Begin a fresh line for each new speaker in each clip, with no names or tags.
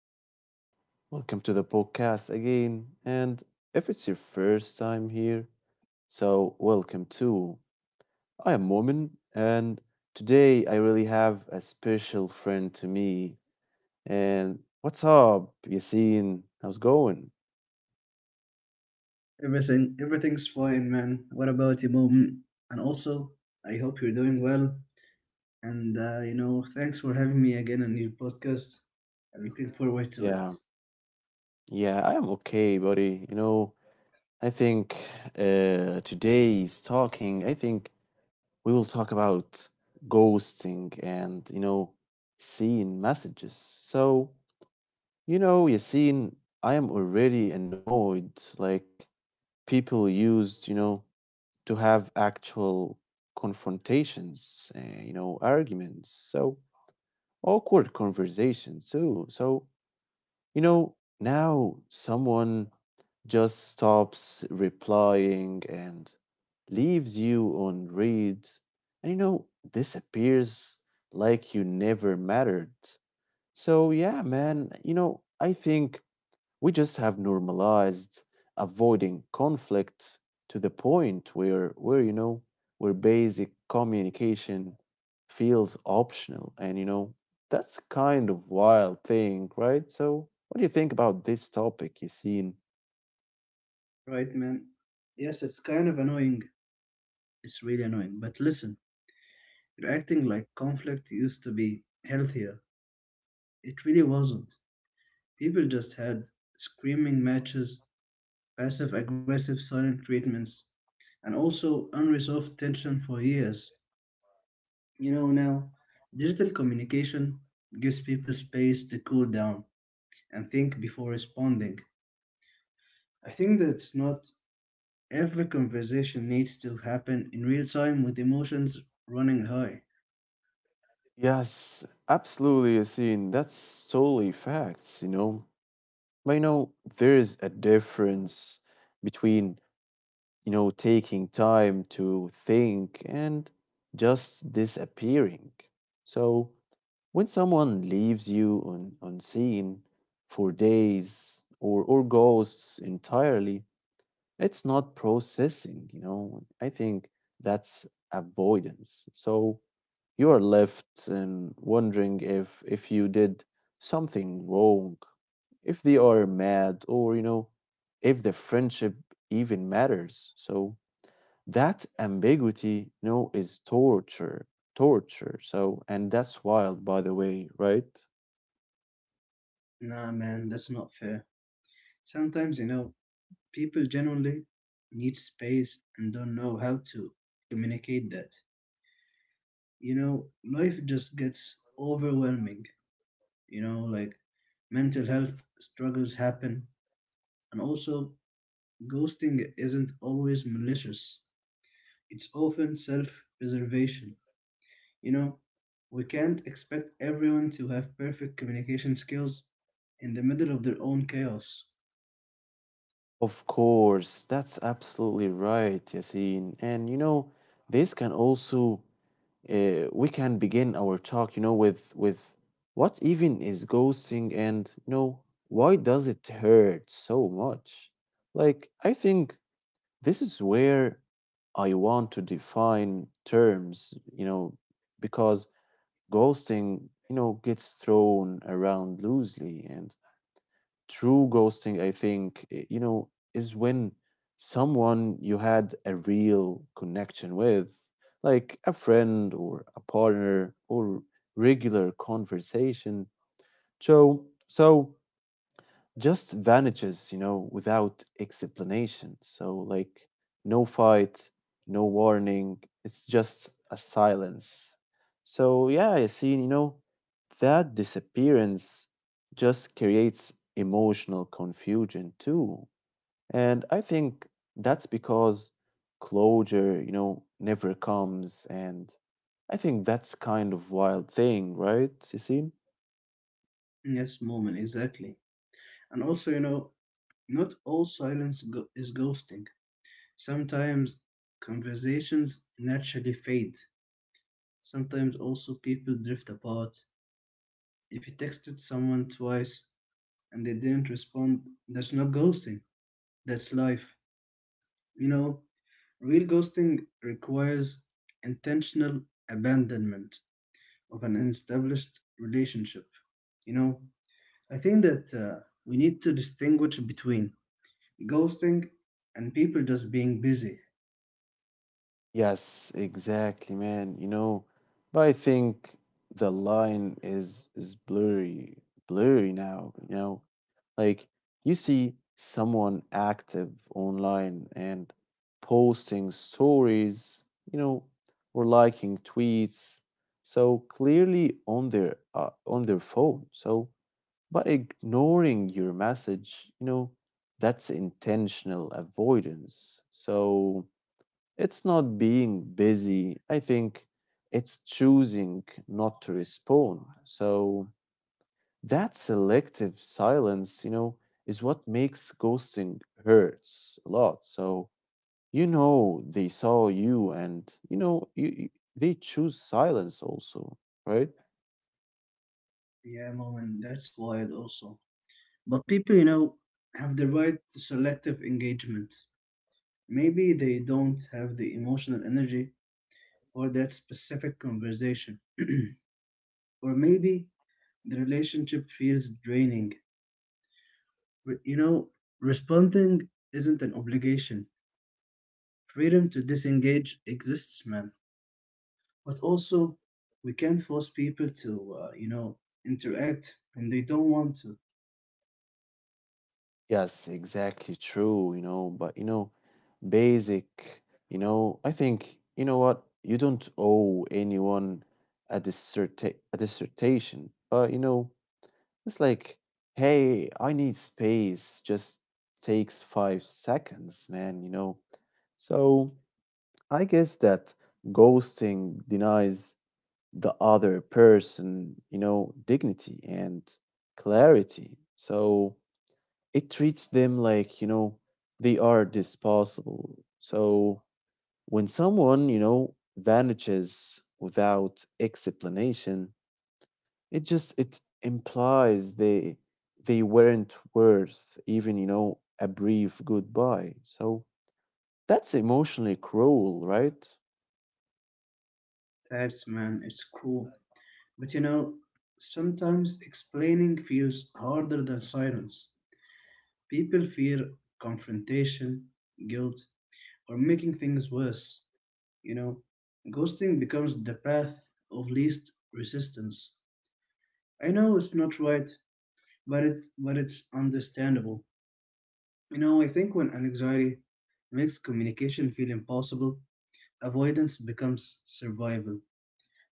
So, welcome to the podcast again. And if it's your first time here, welcome too. I am Momin, and today I really have a special friend to me. And what's up, Yasin? How's going?
Everything, everything's fine, man. What about you, mom? And also, I hope you're doing well. And thanks for having me again on your podcast. I'm looking forward to
Yeah,
it.
yeah, I am okay, buddy. I think today's talking, I think We will talk about ghosting and seeing messages. So, Yassine, I am already annoyed. Like, people used, to have actual confrontations, arguments. So, awkward conversations too. So, now someone just stops replying and leaves you on read and disappears like you never mattered. So yeah, man, I think we just have normalized avoiding conflict to the point where basic communication feels optional, and that's kind of wild thing, right? So what do you think about this topic, Yassine?
Right, man? Yes, it's kind of annoying. It's really annoying. But listen, you're acting like conflict used to be healthier. It really wasn't. People just had screaming matches, passive aggressive silent treatments, and also unresolved tension for years. You know, now, digital communication gives people space to cool down and think before responding. I think that it's not every conversation needs to happen in real time with emotions running high.
Yes, absolutely, Yassine, that's totally facts, but there is a difference between taking time to think and just disappearing. So when someone leaves you unseen for days, or ghosts entirely, it's not processing, you know. I think that's avoidance. So you are left and wondering if you did something wrong, if they are mad, if the friendship even matters. So that ambiguity, is torture. So, and that's wild, by the way, right?
Nah, man, that's not fair. Sometimes, you know, people genuinely need space and don't know how to communicate that. You know, life just gets overwhelming. You know, like mental health struggles happen, and also ghosting isn't always malicious, it's often self preservation. You know, we can't expect everyone to have perfect communication skills in the middle of their own chaos.
Of course, that's absolutely right, Yasin, and this can also, we can begin our talk with what even is ghosting, and why does it hurt so much? Like, I think this is where I want to define terms, because ghosting, gets thrown around loosely. And true ghosting, I think, is when someone you had a real connection with, like a friend or a partner or regular conversation. So just vanishes, without explanation. So, like, no fight, no warning. It's just a silence. So, yeah, I see, that disappearance just creates emotional confusion too. And I think that's because closure, never comes. And I think that's kind of wild thing, right, Yassine?
Yes, moment, exactly. And also, you know, not all is ghosting. Sometimes conversations naturally fade. Sometimes also people drift apart. If you texted someone twice and they didn't respond, that's not ghosting, that's life. You know, real ghosting requires intentional abandonment of an established relationship. You know, I think that we need to distinguish between ghosting and people just being busy.
Yes, exactly, man. But I think the line is blurry, blurry now, you know. Like, you see someone active online and posting stories, you know, or liking tweets, so clearly on their phone. So, but ignoring your message, that's intentional avoidance. So, it's not being busy. I think it's choosing not to respond. So that selective silence, is what makes ghosting hurts a lot. So they saw you, and they choose silence also, right?
Yeah, moment, that's wild also. But people, you know, have the right to selective engagement. Maybe they don't have the emotional energy for that specific conversation. Or maybe the relationship feels draining. You know, responding isn't an obligation. Freedom to disengage exists, man. But also, we can't force people to, you know, interact when they don't want to.
Yes, exactly true, but basic, you know, I think, you know what, you don't owe anyone a dissertation, but it's like, hey, I need space, just takes 5 seconds, man, you know. So I guess that ghosting denies the other person, dignity and clarity. So it treats them like, they are disposable. So when someone, vanishes without explanation, it implies they weren't worth even, a brief goodbye. So that's emotionally cruel, right?
That's, man, it's cruel. But you know, sometimes explaining feels harder than silence. People fear confrontation, guilt, or making things worse. You know, ghosting becomes the path of least resistance. I know it's not right, but it's understandable. You know, I think when anxiety makes communication feel impossible, avoidance becomes survival.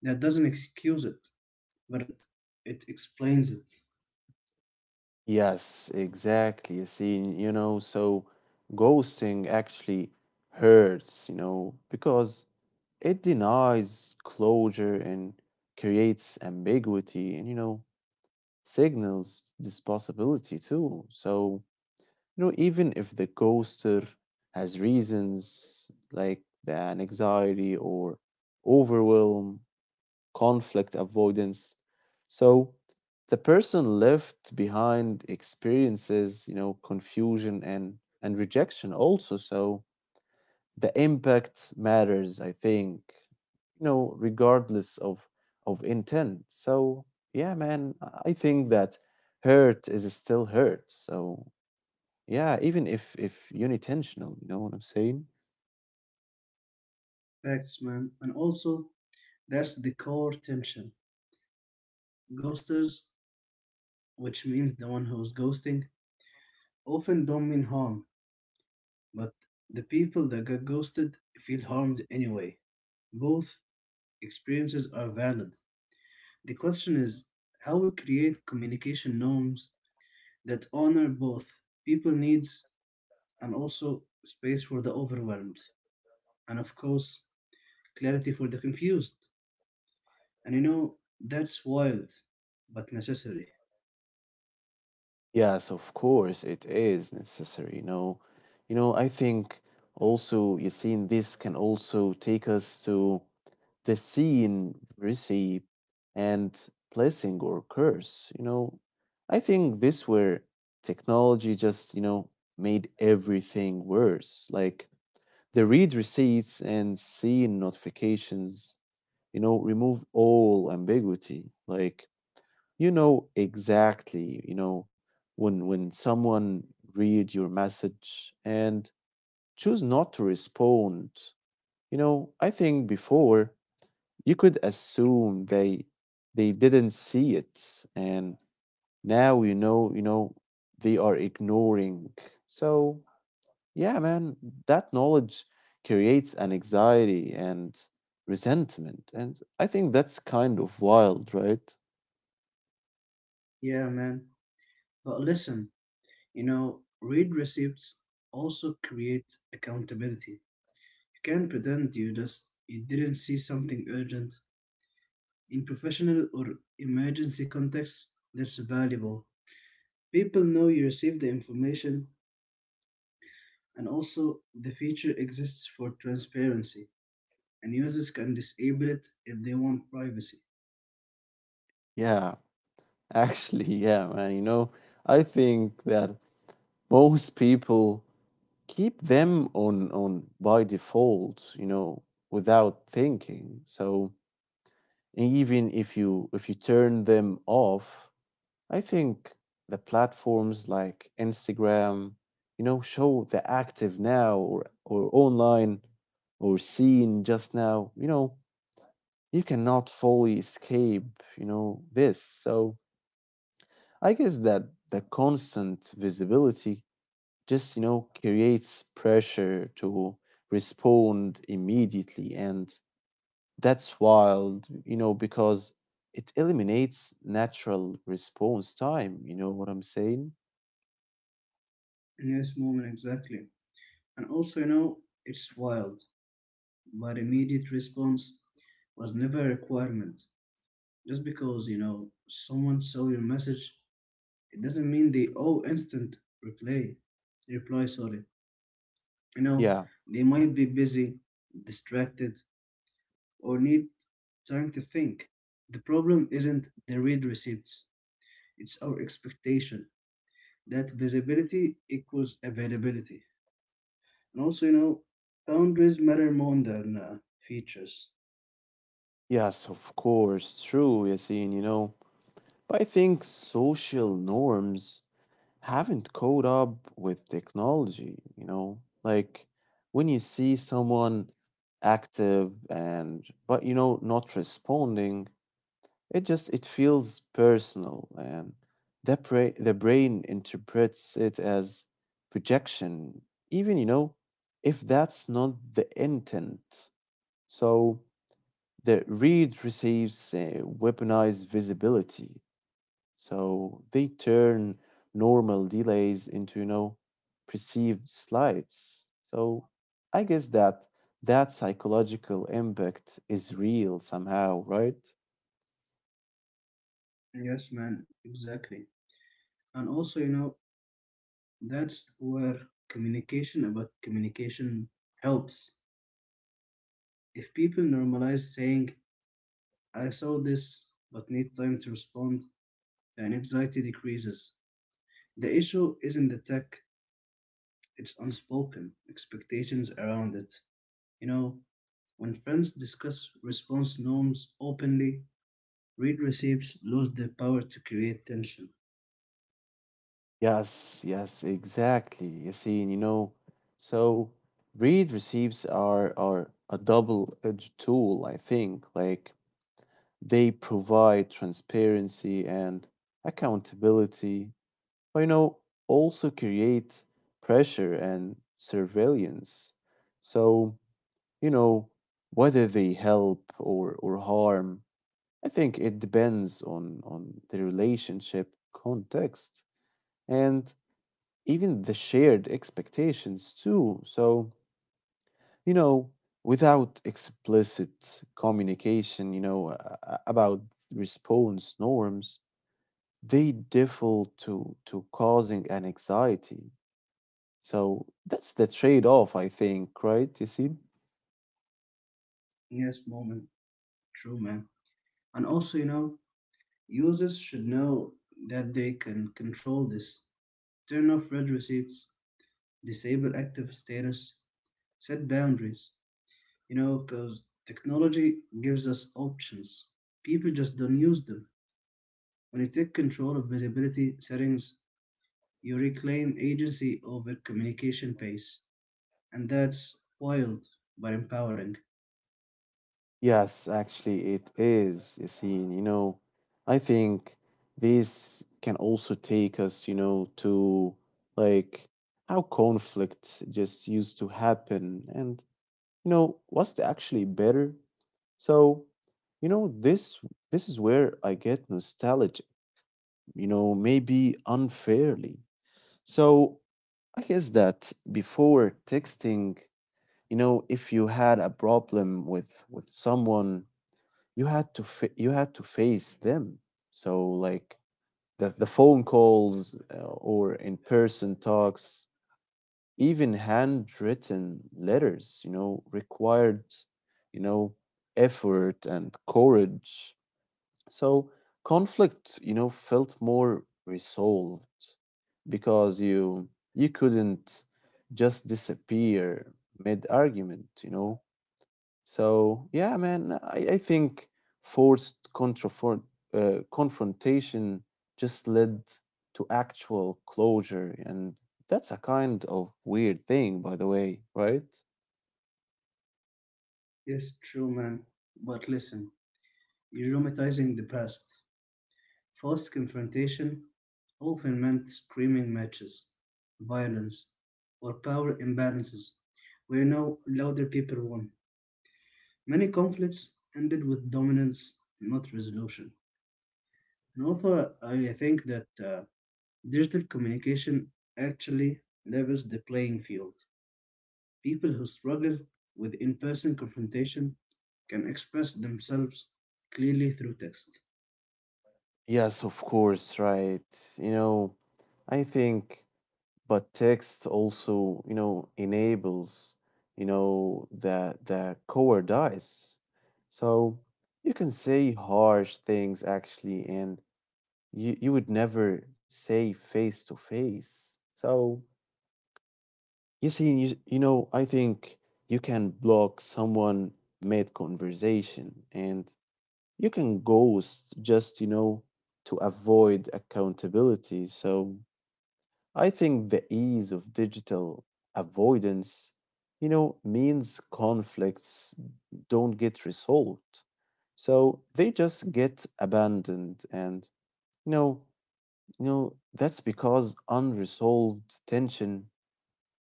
That doesn't excuse it, but it explains it.
Yes, exactly. You see, you know, so ghosting actually hurts, because it denies closure and creates ambiguity, and, signals this possibility too. So, even if the ghoster has reasons like the anxiety or overwhelm, conflict avoidance. So the person left behind experiences, confusion and rejection also. So the impact matters, I think, regardless of intent. So yeah, man, I think that hurt is still hurt. So yeah, even if unintentional, you know what I'm saying?
Facts, man. And also, that's the core tension. Ghosters, which means the one who's ghosting, often don't mean harm, but the people that get ghosted feel harmed anyway. Both experiences are valid. The question is how we create communication norms that honor both people needs, and also space for the overwhelmed, and of course clarity for the confused. And you know, that's wild but necessary.
Yes, of course, it is necessary. I think also you see, in this can also take us to the scene, receive, and blessing or curse. You know, I think this where technology just made everything worse. Like the read receipts and seeing notifications, remove all ambiguity. Like you know exactly, when someone read your message and choose not to respond, I think before you could assume they didn't see it, and now they are ignoring. So, yeah, man, that knowledge creates an anxiety and resentment, and I think that's kind of wild, right?
Yeah, man, but listen, you know, read receipts also create accountability. You can't pretend you didn't see something urgent in professional or emergency contexts. That's valuable. People know you received the information. And also, the feature exists for transparency, and users can disable it if they want privacy.
Yeah. Actually, yeah, man. I think that most people keep them on by default, without thinking. So even if you turn them off, I think the platforms like Instagram, show the active now, or online, or seen just now, you cannot fully escape, this. So I guess that the constant visibility just, creates pressure to respond immediately. And that's wild, because it eliminates natural response time. You know what I'm saying?
In this moment, exactly. And also, you know, it's wild, but immediate response was never a requirement. Just because, you know, someone saw your message, it doesn't mean they owe instant reply. Reply, sorry. You know,
Yeah.
they might be busy, distracted, or need time to think. The problem isn't the read receipts. It's our expectation that visibility equals availability. And also, you know, boundaries matter more than features.
Yes, of course. True, Yasin, you know. But I think social norms haven't caught up with technology, you know? Like when you see someone active, and but not responding, it feels personal, and the brain interprets it as projection, even if that's not the intent. So the read receives, weaponized visibility, so they turn normal delays into, perceived slides. So I guess that that psychological impact is real somehow, right?
Yes, man, exactly. And also, you know, that's where communication about communication helps. If people normalize saying, I saw this but need time to respond, and anxiety decreases. The issue isn't the tech, it's unspoken expectations around it. You know, when friends discuss response norms openly, read receipts lose their power to create tension.
Yes, exactly. You see, and you know, so read receives are a double-edged tool, I think. Like they provide transparency and accountability, well, also create pressure and surveillance. So, you know, whether they help, or harm, I think it depends on the relationship context and even the shared expectations too. So, you know, without explicit communication, about response norms, they default to causing anxiety. So that's the trade-off, I think, right, Yassine?
Yes, moment. True, man. And also, you know, users should know that they can control this. Turn off red receipts, disable active status, set boundaries. You know, because technology gives us options. People just don't use them. When you take control of visibility settings, you reclaim agency over communication pace. And that's wild but empowering.
Yes, actually, it is, Yassine. I think this can also take us, to like how conflict just used to happen, and, was it actually better? So, you know, this this is where I get nostalgic, maybe unfairly. So, I guess that before texting, if you had a problem with someone, you had to face them. So like the phone calls, or in person talks, even handwritten letters, required, you know effort and courage. So conflict, felt more resolved because you couldn't just disappear mid argument, you know. So yeah, man, I think forced confrontation just led to actual closure, and that's a kind of weird thing, by the way, right?
Yes, true, man. But listen, you're romanticizing the past. Forced confrontation often meant screaming matches, violence, or power imbalances, where now louder people won. Many conflicts ended with dominance, not resolution. And also, I think that digital communication actually levels the playing field. People who struggle with in person confrontation can express themselves clearly through text.
Yes, of course, right. You know, I think, but text also, enables, the cowardice. So you can say harsh things actually, and you would never say face to face. So you see, I think you can block someone mid conversation, and you can ghost just to avoid accountability. So I think the ease of digital avoidance, means conflicts don't get resolved. So they just get abandoned, and you know that's because unresolved tension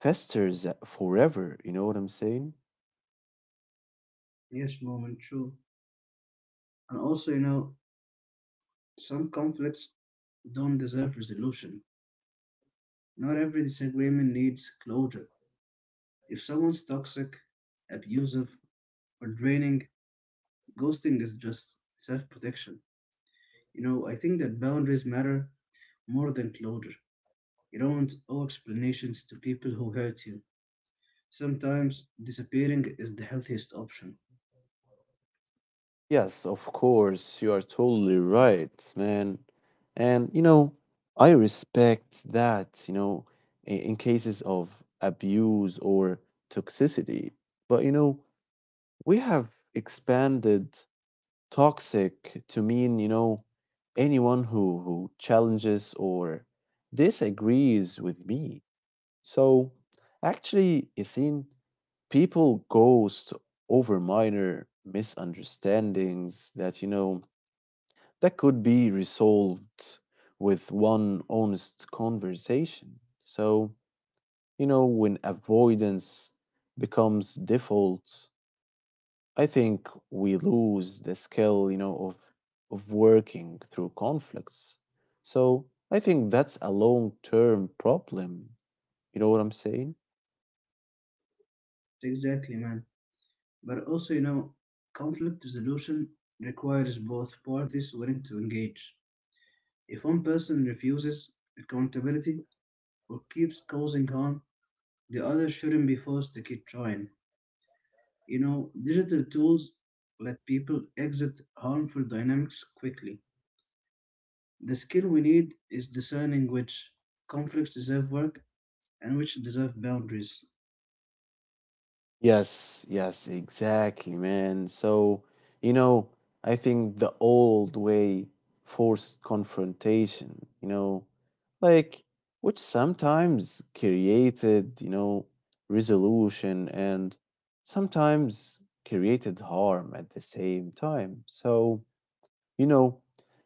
festers forever. You know what I'm saying?
Yes, moment, true. And also, you know, some conflicts don't deserve resolution. Not every disagreement needs closure. If someone's toxic, abusive, or draining, ghosting is just self protection. You know, I think that boundaries matter more than closure. You don't owe explanations to people who hurt you. Sometimes disappearing is the healthiest option.
Yes, of course. You are totally right, man. And, I respect that, in cases of abuse or toxicity. But, we have expanded toxic to mean, anyone who challenges or disagrees with me. So actually, you see, people ghost over minor misunderstandings that that could be resolved with one honest conversation. So, when avoidance becomes default, I think we lose the skill, of working through conflicts. So, I think that's a long-term problem. You know what I'm saying?
Exactly, man. But also, you know, conflict resolution requires both parties willing to engage. If one person refuses accountability or keeps causing harm, the other shouldn't be forced to keep trying. You know, digital tools let people exit harmful dynamics quickly. The skill we need is discerning which conflicts deserve work and which deserve boundaries.
Yes, exactly, man. So, you know, I think the old way forced confrontation, like which sometimes created, resolution, and sometimes created harm at the same time. So, you know,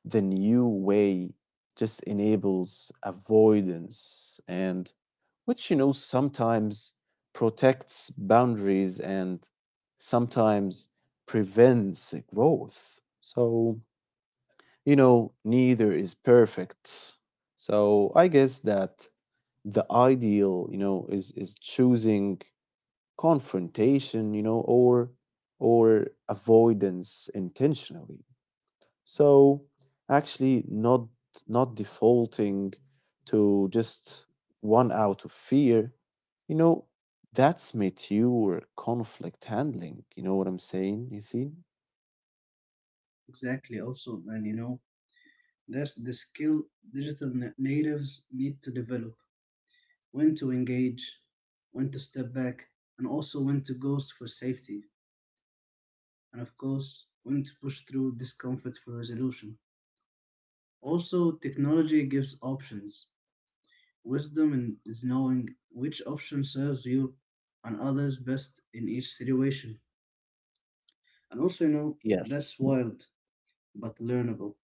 the new way just enables avoidance, and which sometimes protects boundaries, and sometimes prevents growth. So, neither is perfect. So, I guess that the ideal, is choosing confrontation, or avoidance intentionally. So actually not defaulting to just one out of fear, you know, that's mature conflict handling. You know what I'm saying, Yasin?
Exactly, also, man, you know, that's the skill digital natives need to develop: when to engage, when to step back, and also when to ghost for safety, and of course, when to push through discomfort for resolution. Also, technology gives options. Wisdom is knowing which option serves you and others best in each situation. And also, you know,
Yes.
that's wild but learnable.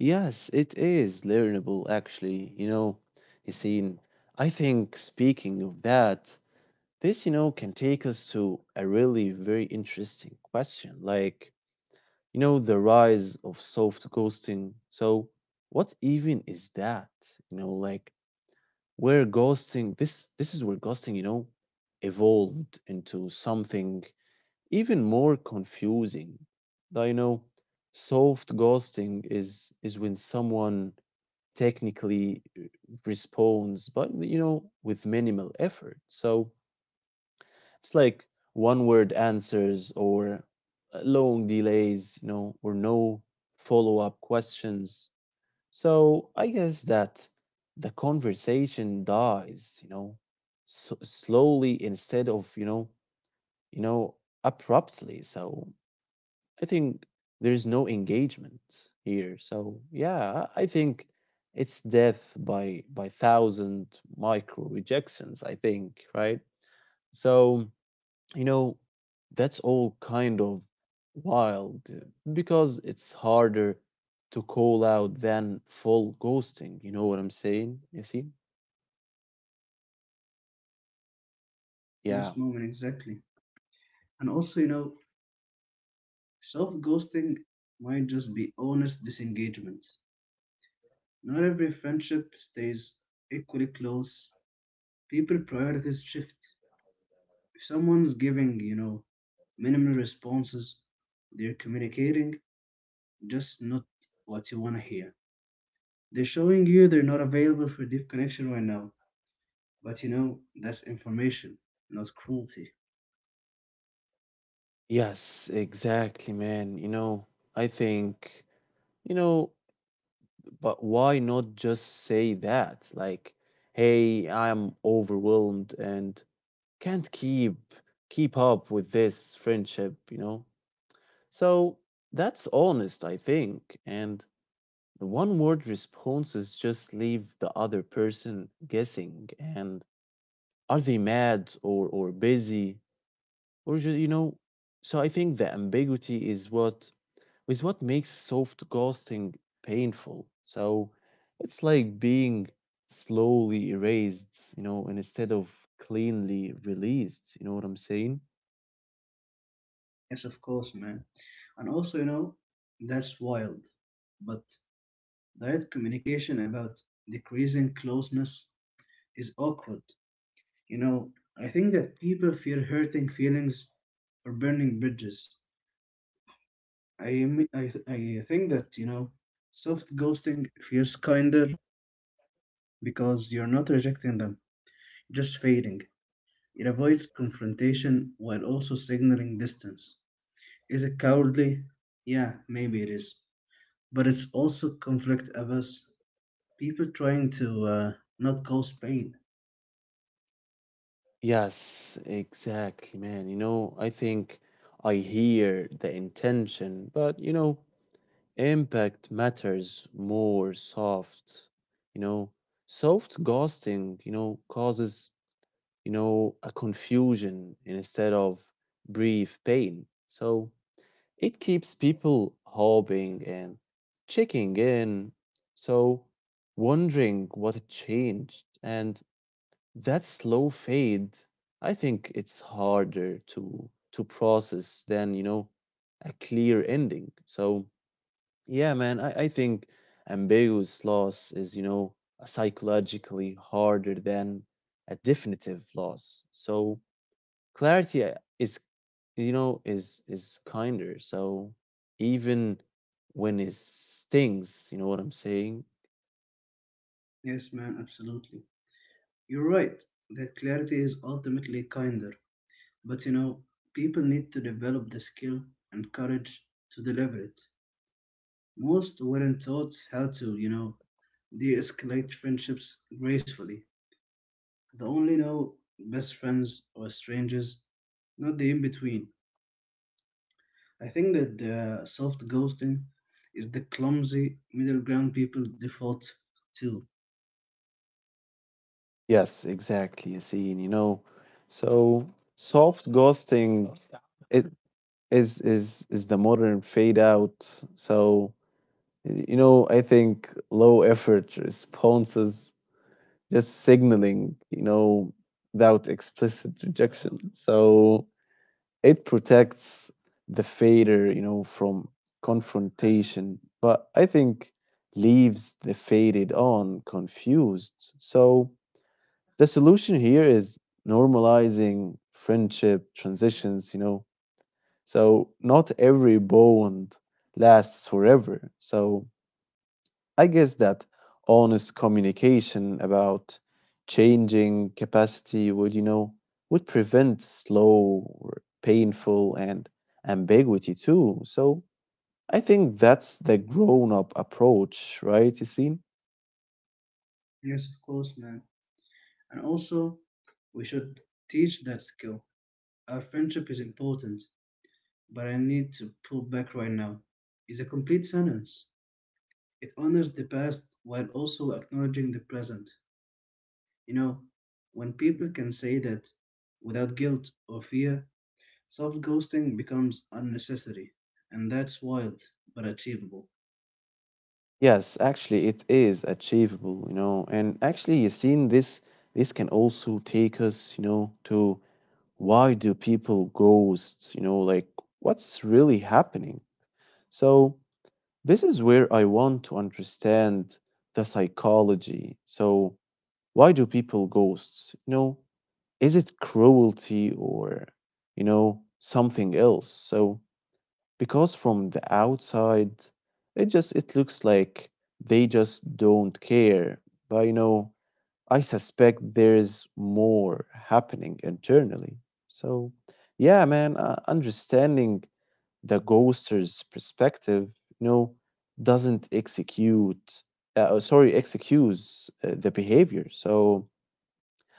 Yes, it is learnable actually. Yasin, I think speaking of that, this, can take us to a really very interesting question. Like, you know, the rise of soft ghosting. So, what even is that? You know, like where ghosting this this is where ghosting, evolved into something even more confusing. Now, you know, soft ghosting is when someone technically responds, but you know, with minimal effort. So it's like one word answers or long delays, you know, or no follow up questions. So I guess that the conversation dies, you know, s slowly instead of, you know, abruptly. So I think there's no engagement here. So yeah, I think it's death by thousand micro rejections, I think, right? So you know, that's all kind of wild because it's harder to call out than full ghosting. You know what I'm saying? You see?
In this
Yeah.
moment, exactly. And also, you know, self ghosting might just be honest disengagement. Not every friendship stays equally close. People priorities shift. If someone's giving, you know, minimal responses, they're communicating, just not what you want to hear. They're showing you they're not available for deep connection right now. But you know, that's information, not cruelty.
Yes, exactly, man. You know, I think, you know, but why not just say that? Like, hey, I'm overwhelmed and can't keep up with this friendship, you know? So that's honest, I think. And the one word responses just leave the other person guessing and are they mad or busy or just, you know, so I think the ambiguity is what makes soft ghosting painful. So it's like being slowly erased, you know, and instead of cleanly released, you know what I'm saying?
Yes, of course, man. And also, you know, that's wild. But direct communication about decreasing closeness is awkward. You know, I think that people fear hurting feelings or burning bridges. I am- I th- I think that you know, soft ghosting feels kinder because you're not rejecting them, just fading. It avoids confrontation while also signaling distance. Is it cowardly? Yeah, maybe it is, but it's also conflict averse. People trying to not cause pain.
Yes, exactly, man. You know, I think I hear the intention, but you know, impact matters more soft, you know. Soft ghosting, you know, causes, you know, a confusion instead of brief pain. So it keeps people hoping and checking in. So wondering what changed. And that slow fade, I think it's harder to process than, you know, a clear ending. So yeah, man, I think ambiguous loss is, you know, psychologically harder than a definitive loss. So clarity is, you know, is kinder. So even when it stings, you know what I'm saying,
Yes, man, absolutely. You're right that clarity is ultimately kinder, but you know, people need to develop the skill and courage to deliver it. Most weren't taught how to, you know, de escalate friendships gracefully. The only know best friends or strangers, not the in between. I think that the soft ghosting is the clumsy middle ground people default to.
yes, exactly, Yassine. You know, so soft ghosting it is the modern fade out. So you know, I think low effort responses just signaling, you know, without explicit rejection. So it protects the fader, you know, from confrontation, but I think leaves the faded on confused. So the solution here is normalizing friendship transitions, you know. So not every bond lasts forever. So I guess that honest communication about changing capacity would, you know, would prevent slow, or painful, and ambiguity too. So I think that's the grown up approach, right, Yassine?
Yes, of course, man. And also, we should teach that skill. Our friendship is important, but I need to pull back right now. It's a complete sentence. It honors the past while also acknowledging the present. You know, when people can say that without guilt or fear, soft ghosting becomes a necessity, and that's wild but achievable.
Yes, actually, it is achievable, you know, and actually, Yassine, this can also take us, you know, to why do people ghost, you know, like what's really happening? So this is where I want to understand the psychology. So, why do people ghosts? You know, is it cruelty or, you know, something else? So, because from the outside, it just it looks like they just don't care. But you know, I suspect there's more happening internally. So, yeah, man, understanding the ghoster's perspective, you know, doesn't execute, sorry, excuse the behavior. So,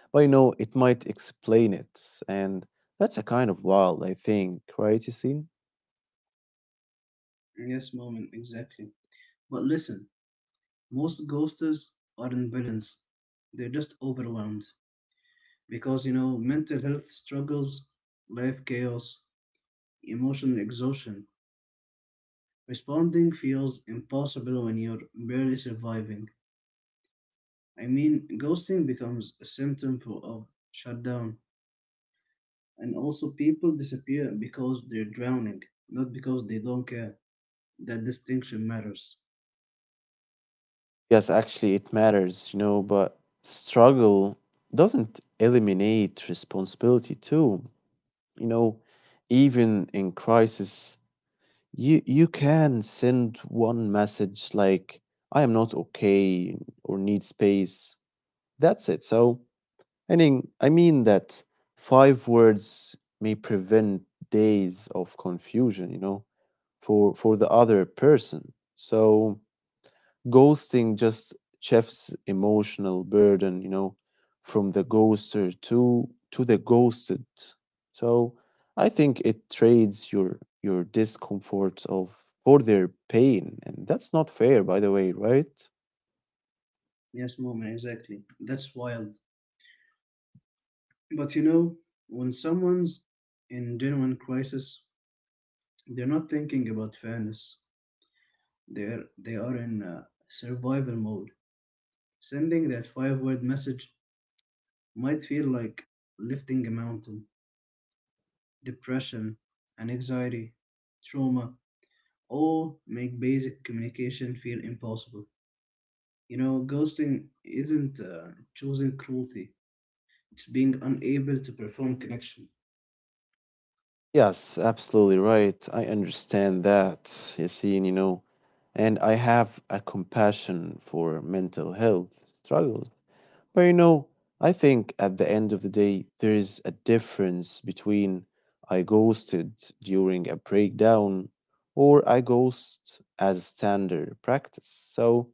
but you know, it might explain it. And that's a kind of wild, I think, right? You
Yes, moment, exactly. But listen, most ghosters aren't villains, they're just overwhelmed because you know, mental health struggles, life chaos, emotional exhaustion. Responding feels impossible when you're barely surviving. I mean, ghosting becomes a symptom of shutdown, and also people disappear because they're drowning, not because they don't care. That distinction matters.
yes, actually, it matters, you know, but struggle doesn't eliminate responsibility, too. You know, even in crisis, you can send one message like "I am not okay" or "need space." That's it. So, I mean that five words may prevent days of confusion, you know, for the other person. So, ghosting just shifts emotional burden, you know, from the ghoster to the ghosted. So I think it trades your discomfort of for their pain, and that's not fair, by the way, right?
Yes, moment, exactly. That's wild. But you know, when someone's in genuine crisis, they're not thinking about fairness. They are in survival mode. Sending that five-word message might feel like lifting a mountain. Depression and anxiety, trauma, all make basic communication feel impossible. You know, ghosting isn't choosing cruelty; it's being unable to perform connection.
Yes, absolutely right. I understand that, Yassine, you know, and I have a compassion for mental health struggles. But you know, I think at the end of the day, there is a difference between I ghosted during a breakdown or I ghost as standard practice. So,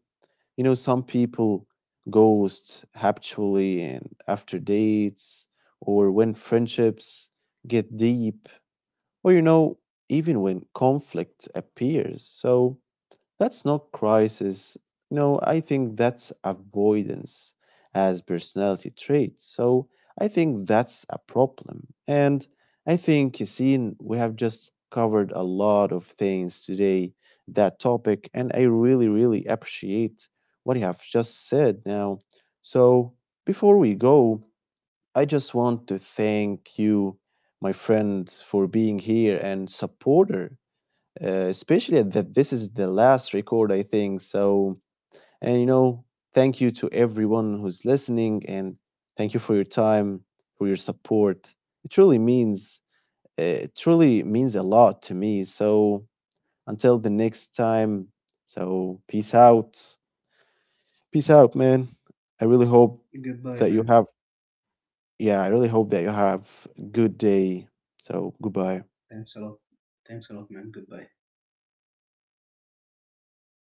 you know, some people ghost habitually and after dates or when friendships get deep or, you know, even when conflict appears. So, that's not crisis. No, I think that's avoidance as personality trait. So I think that's a problem. And I think, Yassine, we have just covered a lot of things today, that topic, and I really, really appreciate what you have just said now. So before we go, I just want to thank you, my friend, for being here and supporter especially that this is the last record, I think. So, and you know, thank you to everyone who's listening and thank you for your time, for your support. It truly means, it truly means a lot to me. So, until the next time, so peace out. Peace out, man. I really hope
Goodbye,
that you
man.
have, yeah, I really hope that you have a good day. So, goodbye.
Thanks a lot. Thanks a lot, man. Goodbye.